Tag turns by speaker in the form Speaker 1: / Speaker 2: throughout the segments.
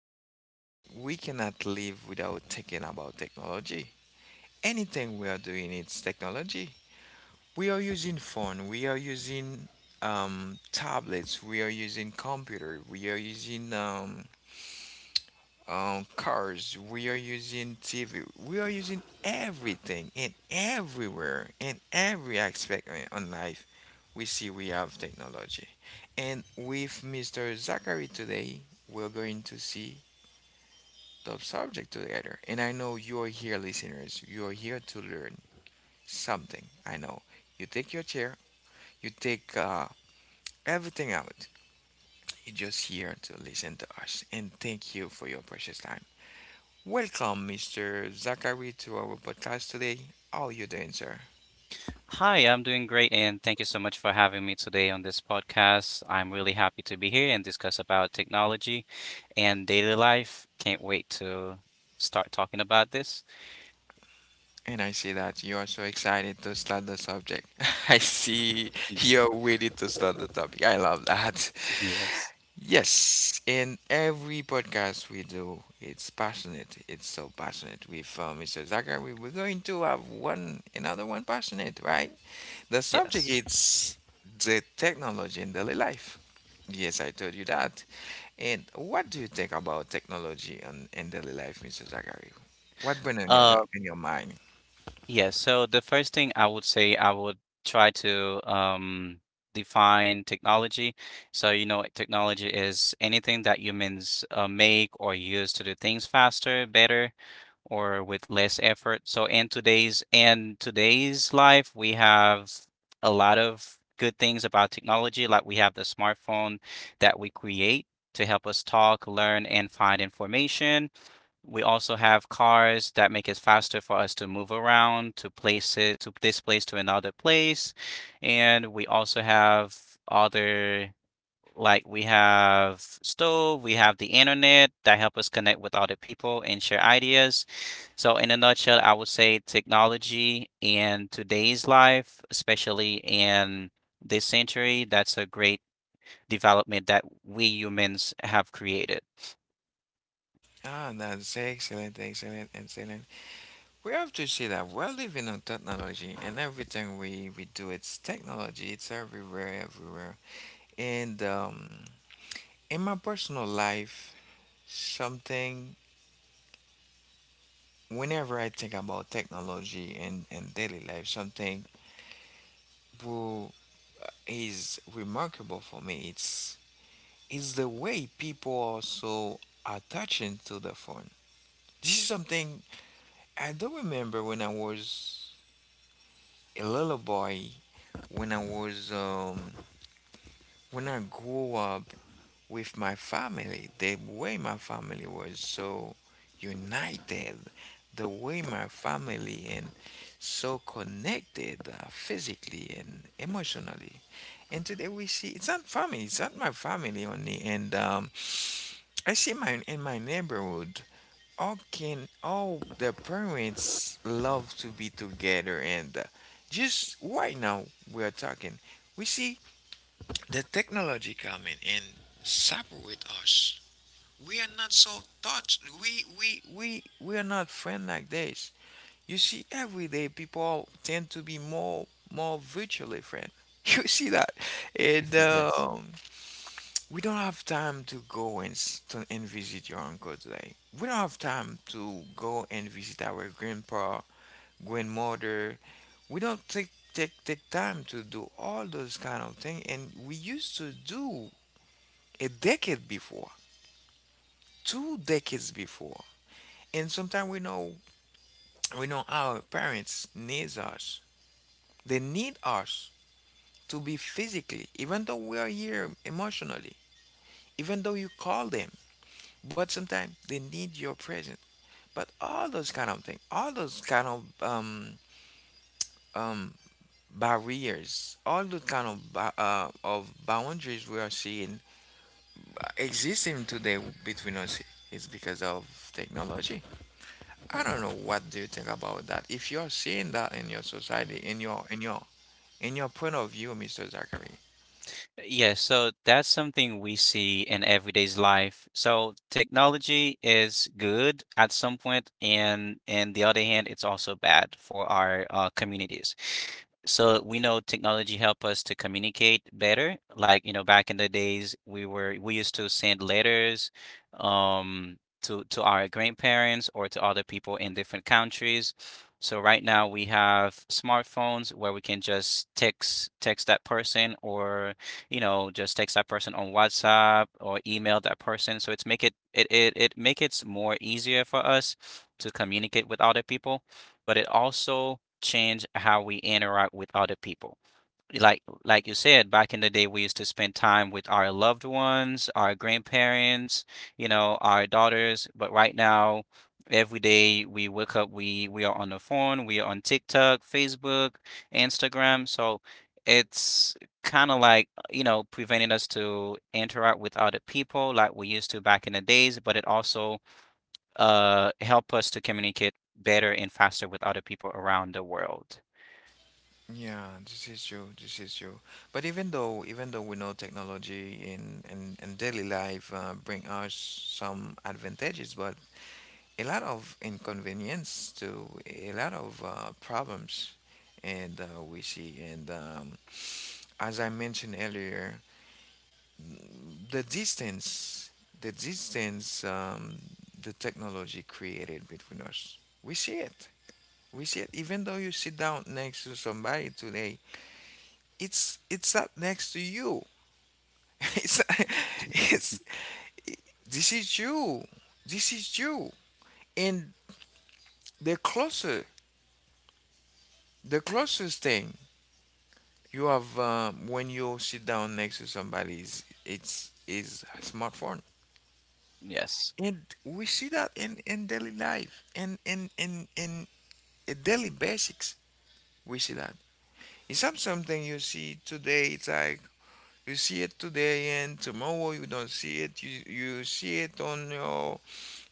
Speaker 1: today we cannot live without thinking about technology. Anything we are doing, it's technology. We are using phone. We are using tablets. We are using computer. We are using cars, we are using TV, we are using everything and everywhere in every aspect on life. We see we have technology, and with Mr. Zachary today, we're going to see the subject together. And I know you are here, listeners. You are here to learn something. I know you take your chair, you take everything out. You're just here to listen to us, and thank you for your precious time. Welcome, Mr. Zachary, to our podcast today. How you doing, sir?
Speaker 2: Hi, I'm doing great, and thank you so much for having me today on this podcast. I'm really happy to be here and discuss about technology and daily life. Can't wait to start talking about this.
Speaker 1: And I see that you are so excited to start the subject. I see
Speaker 2: Y-
Speaker 1: you're ready to start the topic. I love that.
Speaker 2: Yes,
Speaker 1: Yes, in every podcast we do, it's passionate. It's so passionate. With Mr. Zachary, we're going to have one another one passionate, right? The subject
Speaker 2: yes.
Speaker 1: is the technology in daily life. Yes, I told you that. And what do you think about technology and daily life, Mr. Zachary? What went in your mind?
Speaker 2: Yeah, so the first thing I would say, I would try to define technology. So, you know, technology is anything that humans make or use to do things faster, better, or with less effort. So, in today's life, we have a lot of good things about technology. Like we have the smartphone that we create to help us talk, learn, and find information. We also have cars that make it faster for us to move around, to place it to this place to another place. And we also have other like we have stove, we have the internet that help us connect with other people and share ideas. So in a nutshell, I would say technology in today's life, especially in this century, that's a great development that we humans have created.
Speaker 1: Ah, that's excellent, excellent, excellent. We have to see that we're living on technology, and everything we do, it's technology. It's everywhere, everywhere. And in my personal life, something whenever I think about technology and daily life, something who is remarkable for me. It's Is the way people are so attaching to the phone. This is something I do remember when I was a little boy, when I was when I grew up with my family, the way my family was so united, the way my family and so connected physically and emotionally. And today we see it's not family, it's not my family only, and I see my in my neighborhood often, all the parents love to be together, and just right now we are talking. We see the technology coming and separate us. We are not so touched. We are not friend like this. You see, every day people tend to be more virtually friend. You see that, and
Speaker 2: Yes.
Speaker 1: we don't have time to go and visit your uncle today. We don't have time to go and visit our grandpa, grandmother. We don't take time to do all those kind of things, and we used to do a decade before, two decades before. And sometimes we know our parents needs us. They need us to be physically, even though we are here emotionally, even though you call them. But sometimes they need your presence. But all those kind of things, all those kind of um barriers, all those kind of of boundaries we are seeing existing today between us is because of technology. I don't know what do you think about that. If you're seeing that in your society, in your point of view, Mr. Zachary.
Speaker 2: Yeah, so that's something we see in everyday's life. So technology is good at some point, and the other hand, it's also bad for our communities. So we know technology help us to communicate better. Like, you know, back in the days, we used to send letters um to our grandparents or to other people in different countries. So right now we have smartphones where we can just text that person or you know, just text that person on WhatsApp or email that person. So it make it more easier for us to communicate with other people, but it also change how we interact with other people like you said, back in the day, we used to spend time with our loved ones, our grandparents, you know, our daughters. But right now, every day we wake up, we are on the phone, we are on TikTok, Facebook, Instagram. So it's kind of like, you know, preventing us to interact with other people like we used to back in the days, but it also help us to communicate better and faster with other people around the world.
Speaker 1: Yeah, this is true. This is true. But even though we know technology in in daily life bring us some advantages, but a lot of inconvenience to a lot of problems and we see and as I mentioned earlier the distance the distance the technology created between us we see it even though you sit down next to somebody today it's not next to you. it's it's This is you this is you and the closer the closest thing you have when you sit down next to somebody, it's is a smartphone,
Speaker 2: Yes.
Speaker 1: and we see that in daily life, and in daily basics, we see that. It's not something you see today. It's like you see it today, and tomorrow you don't see it. You see it on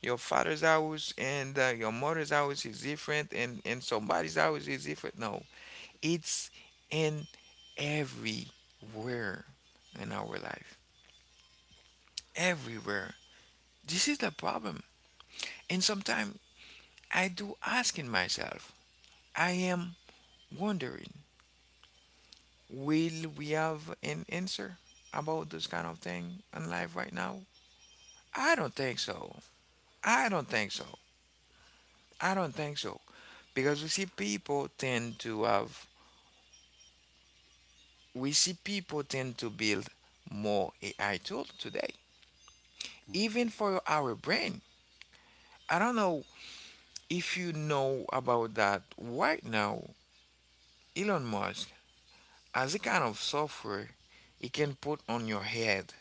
Speaker 1: your father's house, and your mother's house is different, and somebody's house is different. No, it's in everywhere in our life. Everywhere. This is the problem. And sometimes I do asking myself, I am wondering, will we have an answer about this kind of thing in life right now? I don't think so. I don't think so. I don't think so. Because we see people tend to build more AI tool today, even for our brain. I don't know if you know about that right now. Elon Musk as a kind of software you can put on your head.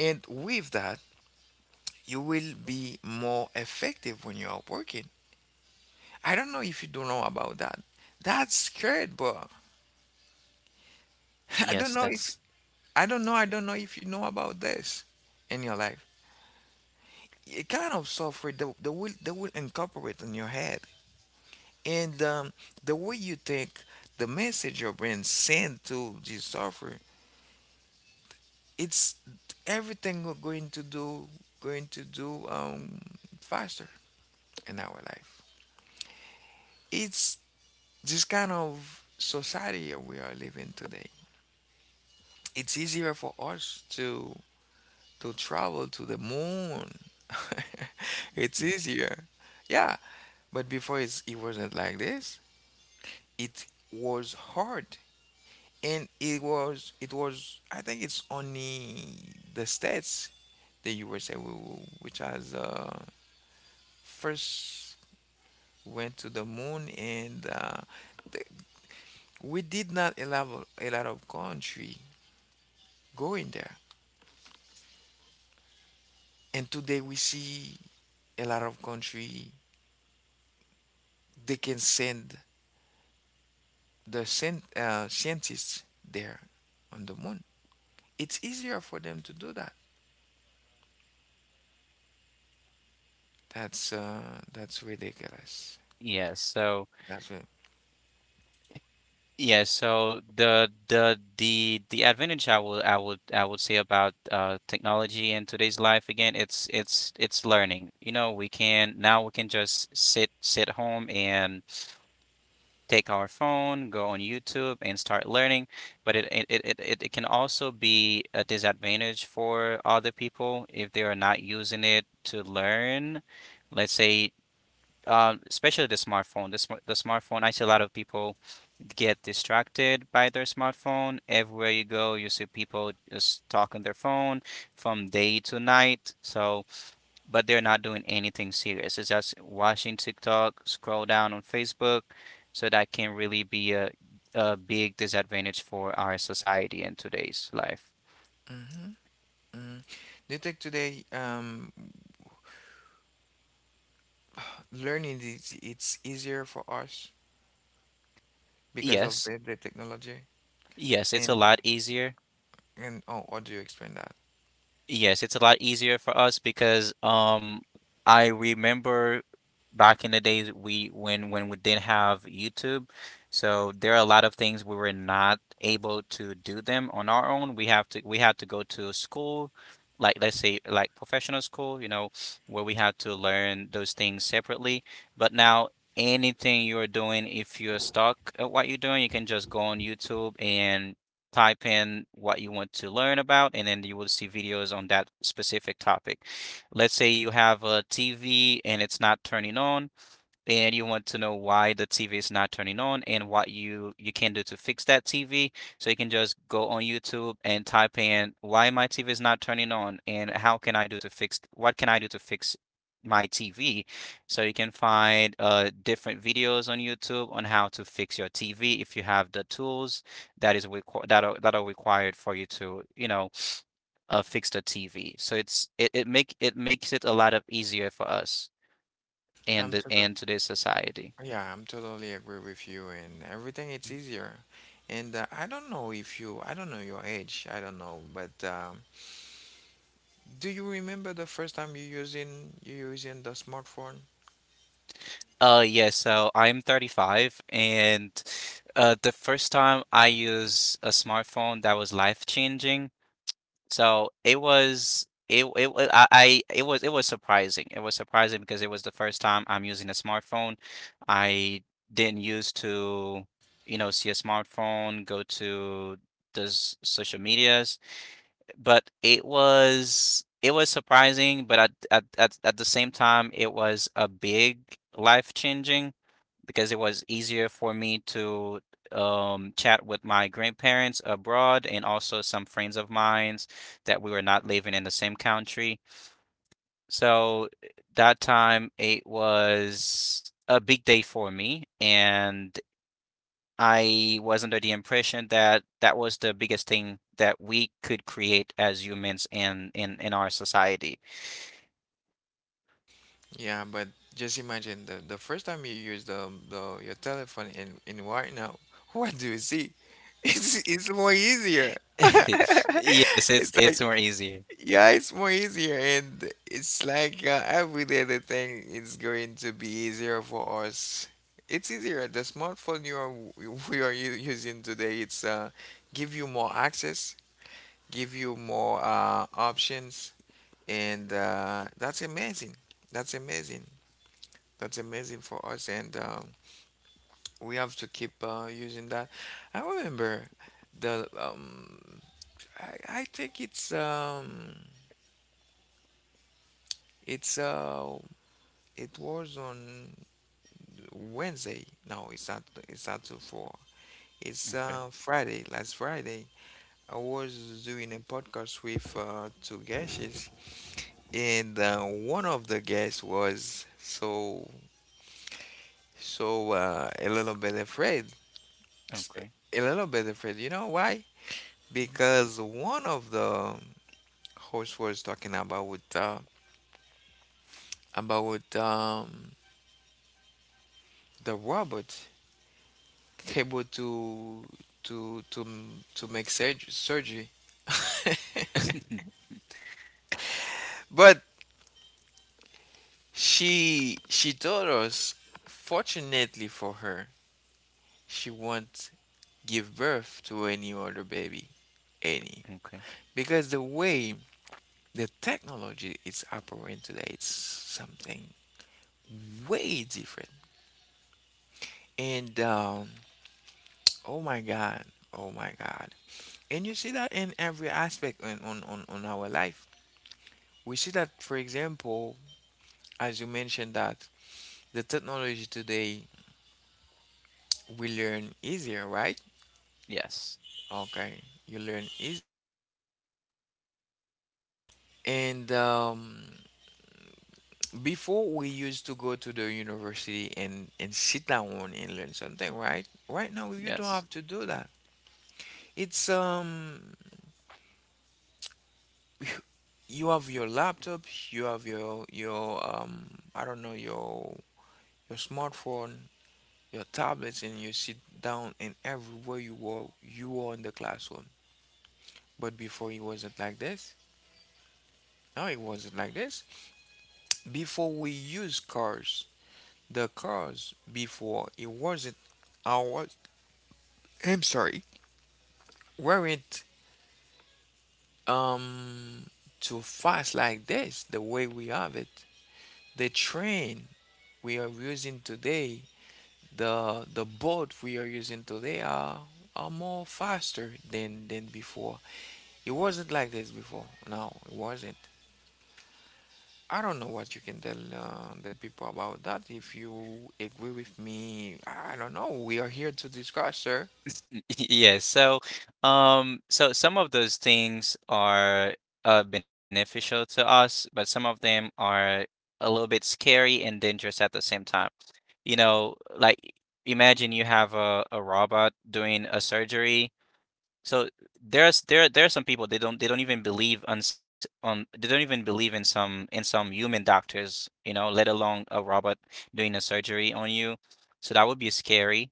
Speaker 1: And with that, you will be more effective when you are working. I don't know if you don't know about that. That's great, bro. I don't
Speaker 2: Yes,
Speaker 1: know if
Speaker 2: that's
Speaker 1: I don't know if you know about this in your life. A kind of software that will that will incorporate in your head and the way you think the message your brain send to this software it's everything we're going to do going to do um faster in our life. It's this kind of society we are living today. It's easier for us to travel to the moon. It's easier, yeah, but before it wasn't like this. It was hard and it was I think it's only the states the USA which has first went to the moon, and th- we did not allow a lot of country going there. And today we see a lot of country they can send the scientists there on the moon. It's easier for them to do that. That's ridiculous.
Speaker 2: yes. So
Speaker 1: That's it.
Speaker 2: Yeah, so the advantage I would say about technology in today's life again, it's learning. You know, we can now we can just sit home and take our phone, go on YouTube and start learning. But it can also be a disadvantage for other people if they are not using it to learn. Let's say, especially the smartphone. The smartphone, I see a lot of people get distracted by their smartphone. Everywhere you go, you see people just talking their phone from day to night. So, but they're not doing anything serious. It's just watching TikTok, scroll down on Facebook. So that can really be a big disadvantage for our society in today's life.
Speaker 1: Mhm, mhm. Do you think today learning is it's easier for us because of
Speaker 2: Yes,
Speaker 1: the technology?
Speaker 2: yes, it's a
Speaker 1: And
Speaker 2: lot easier.
Speaker 1: and oh, how do you explain that?
Speaker 2: Yes, it's a lot easier for us because I remember back in the days we when we didn't have YouTube, so there are a lot of things we were not able to do them on our own. We had to go to school, like let's say like professional school, you know, where we had to learn those things separately. But now anything you're doing, if you're stuck at what you're doing, you can just go on YouTube and type in what you want to learn about, and then you will see videos on that specific topic. Let's say you have a TV and it's not turning on and you want to know why the TV is not turning on and what you can do to fix that TV. So you can just go on YouTube and type in why my TV is not turning on and how can I do to fix my TV. So you can find different videos on YouTube on how to fix your TV if you have the tools that is requ- that are required for you to, you know, fix the TV. So it makes it a lot of easier for us
Speaker 1: I'm
Speaker 2: and the
Speaker 1: too
Speaker 2: and to the society.
Speaker 1: Yeah, I'm totally agree with you and everything it's easier. And I don't know if you I don't know your age, I don't know, but do you remember the first time you using the smartphone?
Speaker 2: Yeah, so I'm 35 and the first time I used a smartphone, that was life changing. So, it was it it wa I it was surprising. It was surprising because it was the first time I'm using a smartphone. I didn't used to, you know, see a smartphone, go to those social medias, but it was surprising, but at the same time, it was a big life-changing because it was easier for me to chat with my grandparents abroad and also some friends of mine's that we were not living in the same country. So that time it was a big day for me, and I was under the impression that that was the biggest thing that we could create as humans in our society.
Speaker 1: Yeah, but just imagine the first time you use the your telephone in right now, what do you see? It's more easier.
Speaker 2: Yes,
Speaker 1: It's
Speaker 2: it's
Speaker 1: like
Speaker 2: more easier.
Speaker 1: yeah, it's more easier, and it's like every day the thing is going to be easier for us. It's easier. The smartphone you are we are using today, it's give you more access, give you more options, and that's amazing. That's amazing. That's amazing for us, and we have to keep using that. I remember the I think it's it's uh it was on Wednesday. No, it's not. It's not too far. It's
Speaker 2: Okay.
Speaker 1: Friday. Last Friday, I was doing a podcast with two guests, and one of the guests was so so a little bit afraid. S-
Speaker 2: Okay.
Speaker 1: A little bit afraid. You know why?
Speaker 2: Mhm.
Speaker 1: Because one of the hosts was talking about uh, about um, the robot, able to to to to make surgery. But she told us, fortunately for her, she won't give birth to any other baby, any,
Speaker 2: Okay.
Speaker 1: because the way the technology is operating today, it's something way different. And oh my God, oh my God. And you see that in every aspect on our life. We see that, for example, as you mentioned, that the technology today we learn easier, right?
Speaker 2: Yes.
Speaker 1: Okay, you learn easy. And before we used to go to the university and sit down and learn something, right? Right now you don't
Speaker 2: Yes.
Speaker 1: have to do that. It's you have your laptop, you have your I don't know your smartphone, your tablets, and you sit down and everywhere you were in the classroom. But before it wasn't like this. No, it wasn't like this. Before we use cars, the cars before it wasn't ours. I'm sorry, weren't um too fast like this. The way we have it, the train we are using today, the boat we are using today are more faster than before. It wasn't like this before. No, it wasn't. I don't know what you can tell the people about that. If you agree with me, I don't know. We are here to discuss, sir.
Speaker 2: Yes. So, so some of those things are beneficial to us, but some of them are a little bit scary and dangerous at the same time. You know, like imagine you have a robot doing a surgery. So there are some people they don't even believe on s- on they don't even believe in some human doctors, you know, let alone a robot doing a surgery on you. So that would be scary,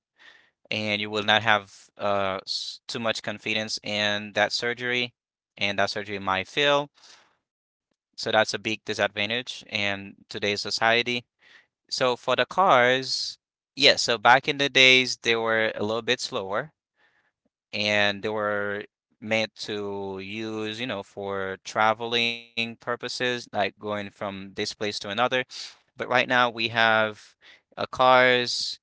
Speaker 2: and you will not have too much confidence in that surgery, and that surgery might fail. So that's a big disadvantage in today's society. So for the cars, yeah, so back in the days, they were a little bit slower and they were meant to use, you know, for traveling purposes, like going from this place to another. But right now we have cars,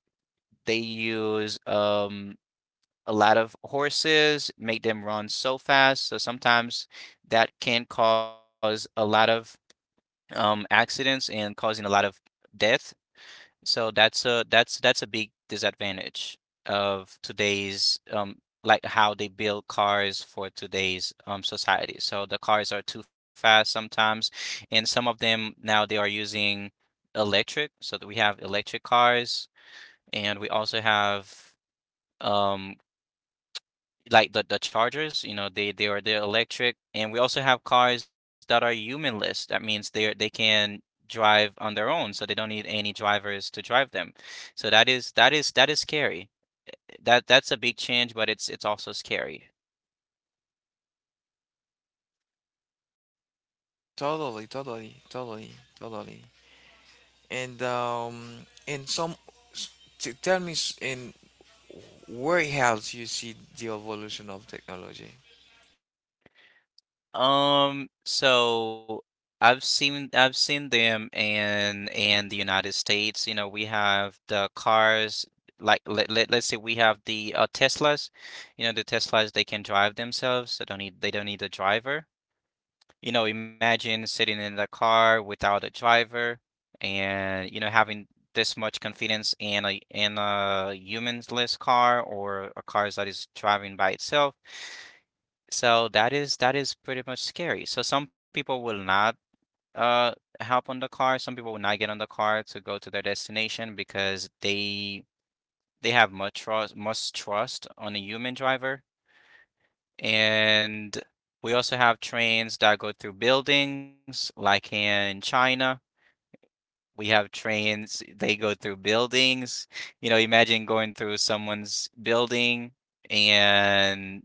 Speaker 2: they use a lot of horses, make them run so fast. So sometimes that can cause a lot of accidents and causing a lot of death. So that's a big disadvantage of today's like how they build cars for today's society. So the cars are too fast sometimes, and some of them now they are using electric. So that we have electric cars, and we also have um like the chargers, you know, they're electric, and we also have cars that are humanless. That means they can drive on their own, so they don't need any drivers to drive them. So that is that is scary. That's a big change, but it's also scary.
Speaker 1: Totally, totally, totally, totally. And some, s- tell me s- in where else you see the evolution of technology.
Speaker 2: So I've seen them in the United States. You know, we have the cars like let's say we have the Teslas. You know, the Teslas they can drive themselves. They don't need a driver. You know, imagine sitting in the car without a driver and you know having this much confidence in a humanless car or a car that is driving by itself. So that is pretty much scary. So some people will not uh hop on the car. Some people will not get on the car to go to their destination because they have much trust on a human driver. And we also have trains that go through buildings, like in China. We have trains, they go through buildings. You know, imagine going through someone's building and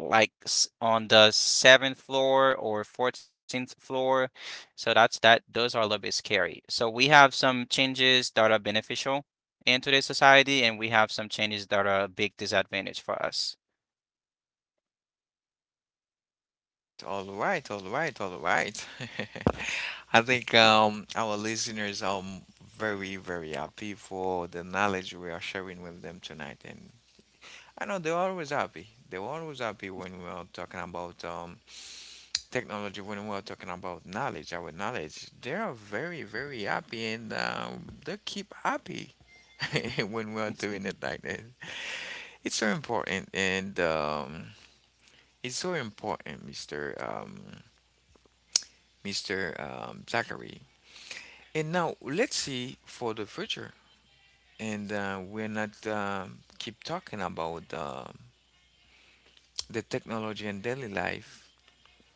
Speaker 2: on the seventh floor or 14th floor. So that's that. Those are a little bit scary. So we have some changes that are beneficial in today's society, and we have some changes that are a big disadvantage for us.
Speaker 1: All right, all right, all right. I think our listeners are very, very happy for the knowledge we are sharing with them tonight, and I know they are always happy. They were always happy when we are talking about technology, when we are talking about knowledge, our knowledge. They are very, very happy, and they keep happy when we are doing it like that. It's so important, and it's so important, Mr. Mr. Zachary. And now let's see for the future. And we're not keep talking about the technology and daily life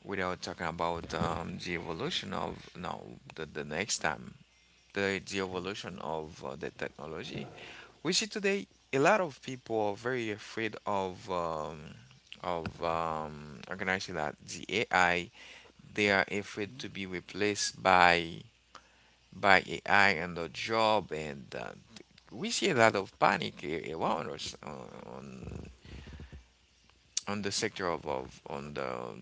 Speaker 1: without talking about the evolution of now the next time, the evolution of the technology we see today. A lot of people are very afraid of how can I say that, the AI. They are
Speaker 2: Mhm.
Speaker 1: afraid to be replaced by AI and the job, and we see a lot of panic around us, on the sector of, on the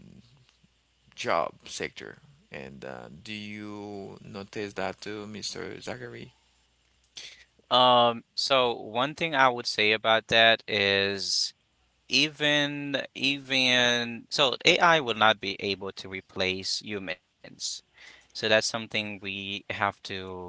Speaker 1: job sector. And do you notice that too, Mr. Zachary?
Speaker 2: So one thing I would say about that is even so AI will not be able to replace humans. So that's something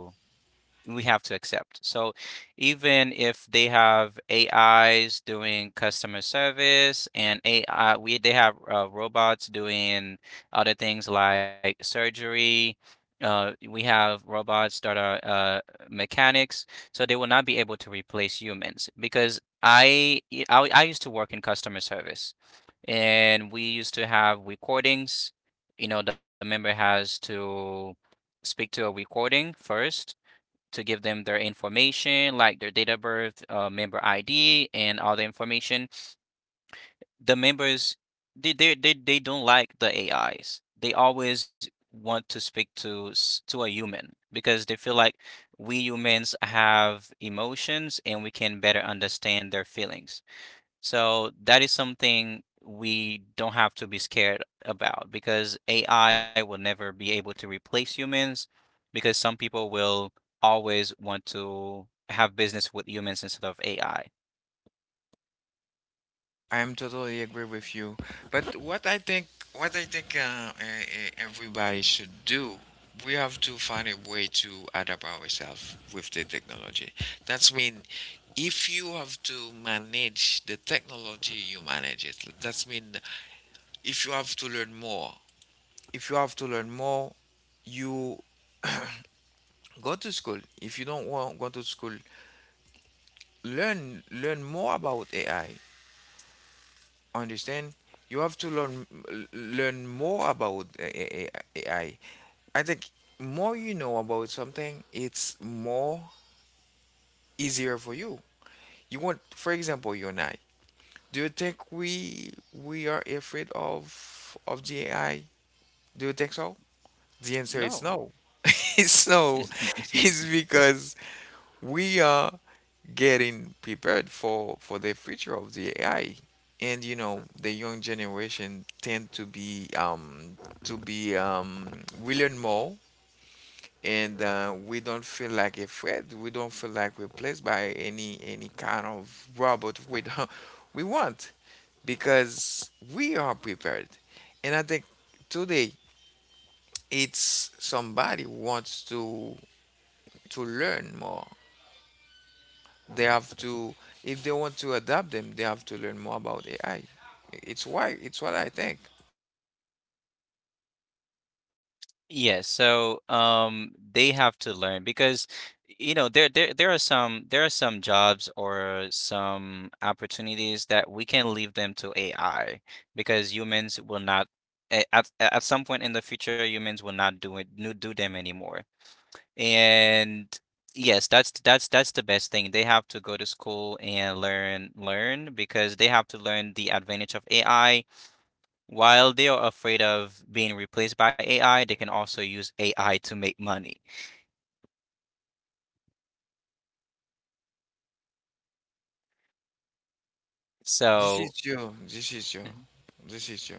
Speaker 2: we have to accept. So even if they have AIs doing customer service and AI, we they have robots doing other things like surgery. We have robots that are mechanics, so they will not be able to replace humans because I used to work in customer service and we used to have recordings. You know, the member has to speak to a recording first to give them their information, like their date of birth, member ID, and all the information. The members, they don't like the AIs. They always want to speak to to a human because they feel like we humans have emotions and we can better understand their feelings. So that is something we don't have to be scared about because AI will never be able to replace humans because some people will always want to have business with humans instead of AI.
Speaker 1: I am totally agree with you. But what I think, what I think, everybody should do, we have to find a way to adapt ourselves with the technology. That's mean if you have to manage the technology, you manage it. That's mean if you have to learn more, if you have to learn more, you go to school. If you don't want go to school, learn more about AI. Understand? You have to learn more about AI. I think more you know about something, it's more easier for you. You want, for example, you and I. Do you think we are afraid of the AI? Do you think so? The answer
Speaker 2: No.
Speaker 1: is no. It's no. It's because we are getting prepared for the future of the AI. And you know, the young generation tend to be to be um we learn more, and we don't feel like afraid, we don't feel like replaced by any kind of robot, we don't we want, because we are prepared. And I think today it's somebody wants to learn more, they have to, if they want to adapt them, they have to learn more about AI. It's why, it's what I think.
Speaker 2: Yeah, so they have to learn because you know there are some jobs or some opportunities that we can leave them to AI because humans will not at some point in the future humans will not do it no- do them anymore. And yes, that's the best thing. They have to go to school and learn because they have to learn the advantage of AI. While they are afraid of being replaced by AI, they can also use AI to make money.
Speaker 1: This
Speaker 2: So,
Speaker 1: is you. This is you.
Speaker 2: mhm.
Speaker 1: This is you.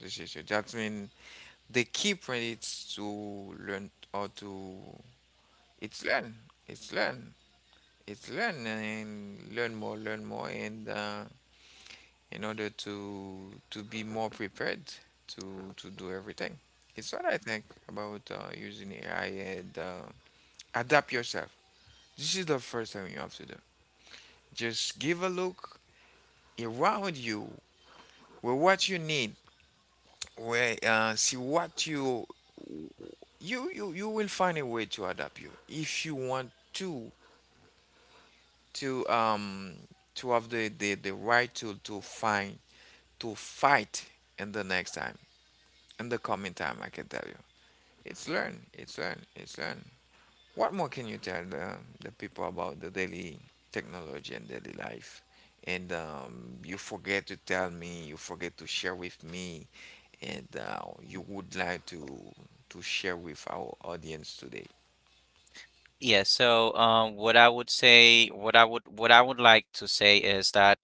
Speaker 1: This is you. That means the key point is to learn, or to it's learn. It's learn. It's learn and learn more, and in order to be more prepared to do everything. It's what I think about using AI, and adapt yourself. This is the first thing you have to do. Just give a look around you with what you need, where see what you will find a way to adapt you if you want to to um have the right tool to find, to fight in the next time, in the coming time. I can tell you it's learn, it's learn, it's learn. What more can you tell the people about the daily technology and daily life? And you forget to tell me, you forget to share with me, and you would like to share with our audience today.
Speaker 2: Yeah, so what I would say, what I would like to say is that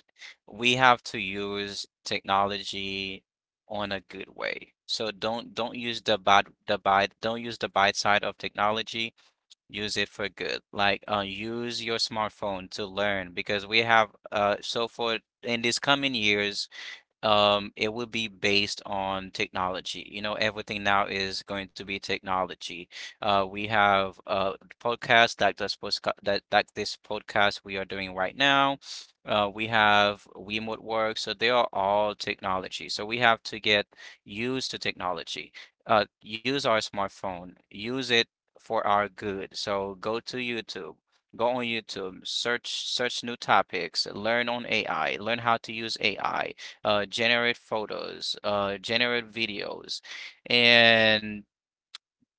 Speaker 2: we have to use technology on a good way. So don't use the bad side of technology. Use it for good. Like use your smartphone to learn because we have so for in these coming years, it will be based on technology. You know, everything now is going to be technology. We have podcast like this podcast we are doing right now. We have remote work, so they are all technology. So we have to get used to technology. Use our smartphone. Use it for our good. So go on YouTube, search new topics, learn on AI, learn how to use AI, generate photos, generate videos, and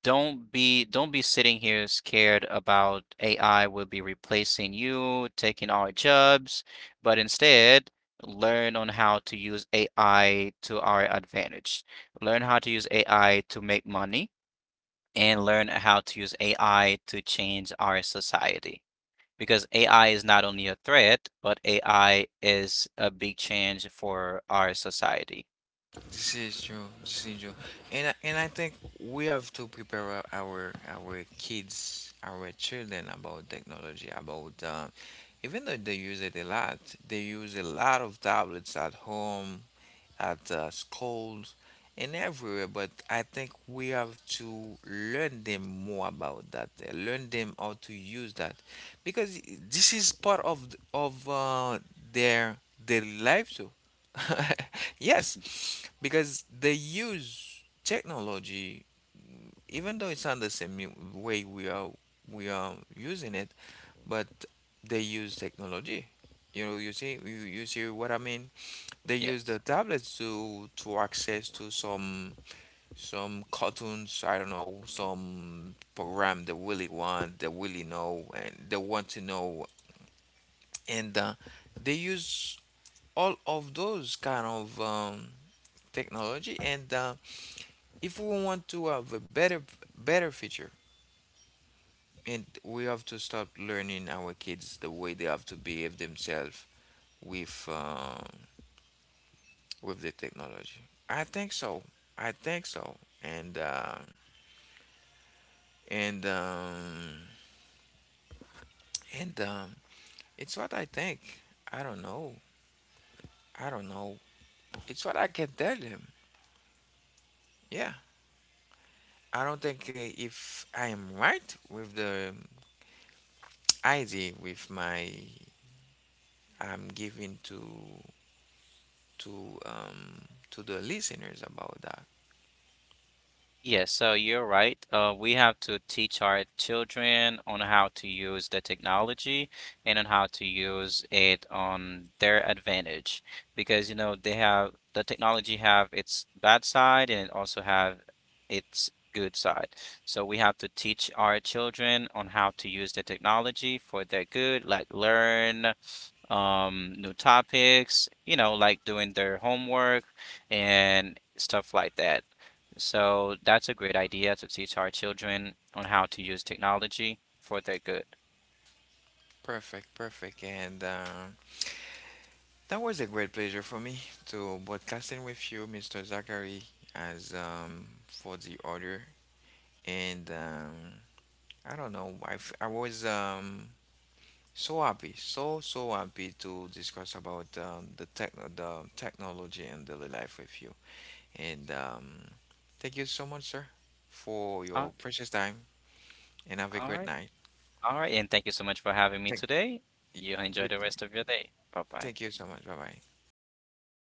Speaker 2: don't be sitting here scared about AI will be replacing you, taking our jobs, but instead learn on how to use AI to our advantage. Learn how to use AI to make money and learn how to use AI to change our society. Because AI is not only a threat, but AI is a big change for our society.
Speaker 1: This is true. This is true. And I think we have to prepare our kids, our children, about technology, about even though they use it a lot, they use a lot of tablets at home, at schools and everywhere. But I think we have to learn them more about that, learn them how to use that, because this is part of their daily life too. Yes, because they use technology, even though it's not the same way we are using it. But they use technology. You know, you see, you see what I mean. They use the
Speaker 2: Yes.
Speaker 1: tablets to access to some cartoons, I don't know, some program they really want, they really know, and they want to know, and they use all of those kind of technology. And if we want to have a better future, and we have to start learning our kids the way they have to behave themselves with. With the technology. I think so. I think so. And and um, and um, it's what I think. I don't know. I don't know. It's what I can tell him. Yeah. I don't think if I am right with the idea with my I'm giving to to um the listeners about that.
Speaker 2: Yes, so you're right. We have to teach our children on how to use the technology and on how to use it on their advantage because you know they have the technology have its bad side and it also have its good side. So we have to teach our children on how to use the technology for their good, like learn, new topics, you know, like doing their homework and stuff like that. So that's a great idea to teach our children on how to use technology for their good.
Speaker 1: Perfect, perfect. And that was a great pleasure for me to broadcasting with you, Mr. Zachary, as for the order. And I don't know, I was so happy, so happy to discuss about the technology and daily life with you. And thank you so much, sir, for
Speaker 2: Uh,
Speaker 1: your precious time. And have a
Speaker 2: all
Speaker 1: great
Speaker 2: right.
Speaker 1: night.
Speaker 2: All right. And thank you so much for having me
Speaker 1: Thank
Speaker 2: today.
Speaker 1: you.
Speaker 2: You enjoy the rest of your day. Bye bye.
Speaker 1: Thank you so much. Bye bye.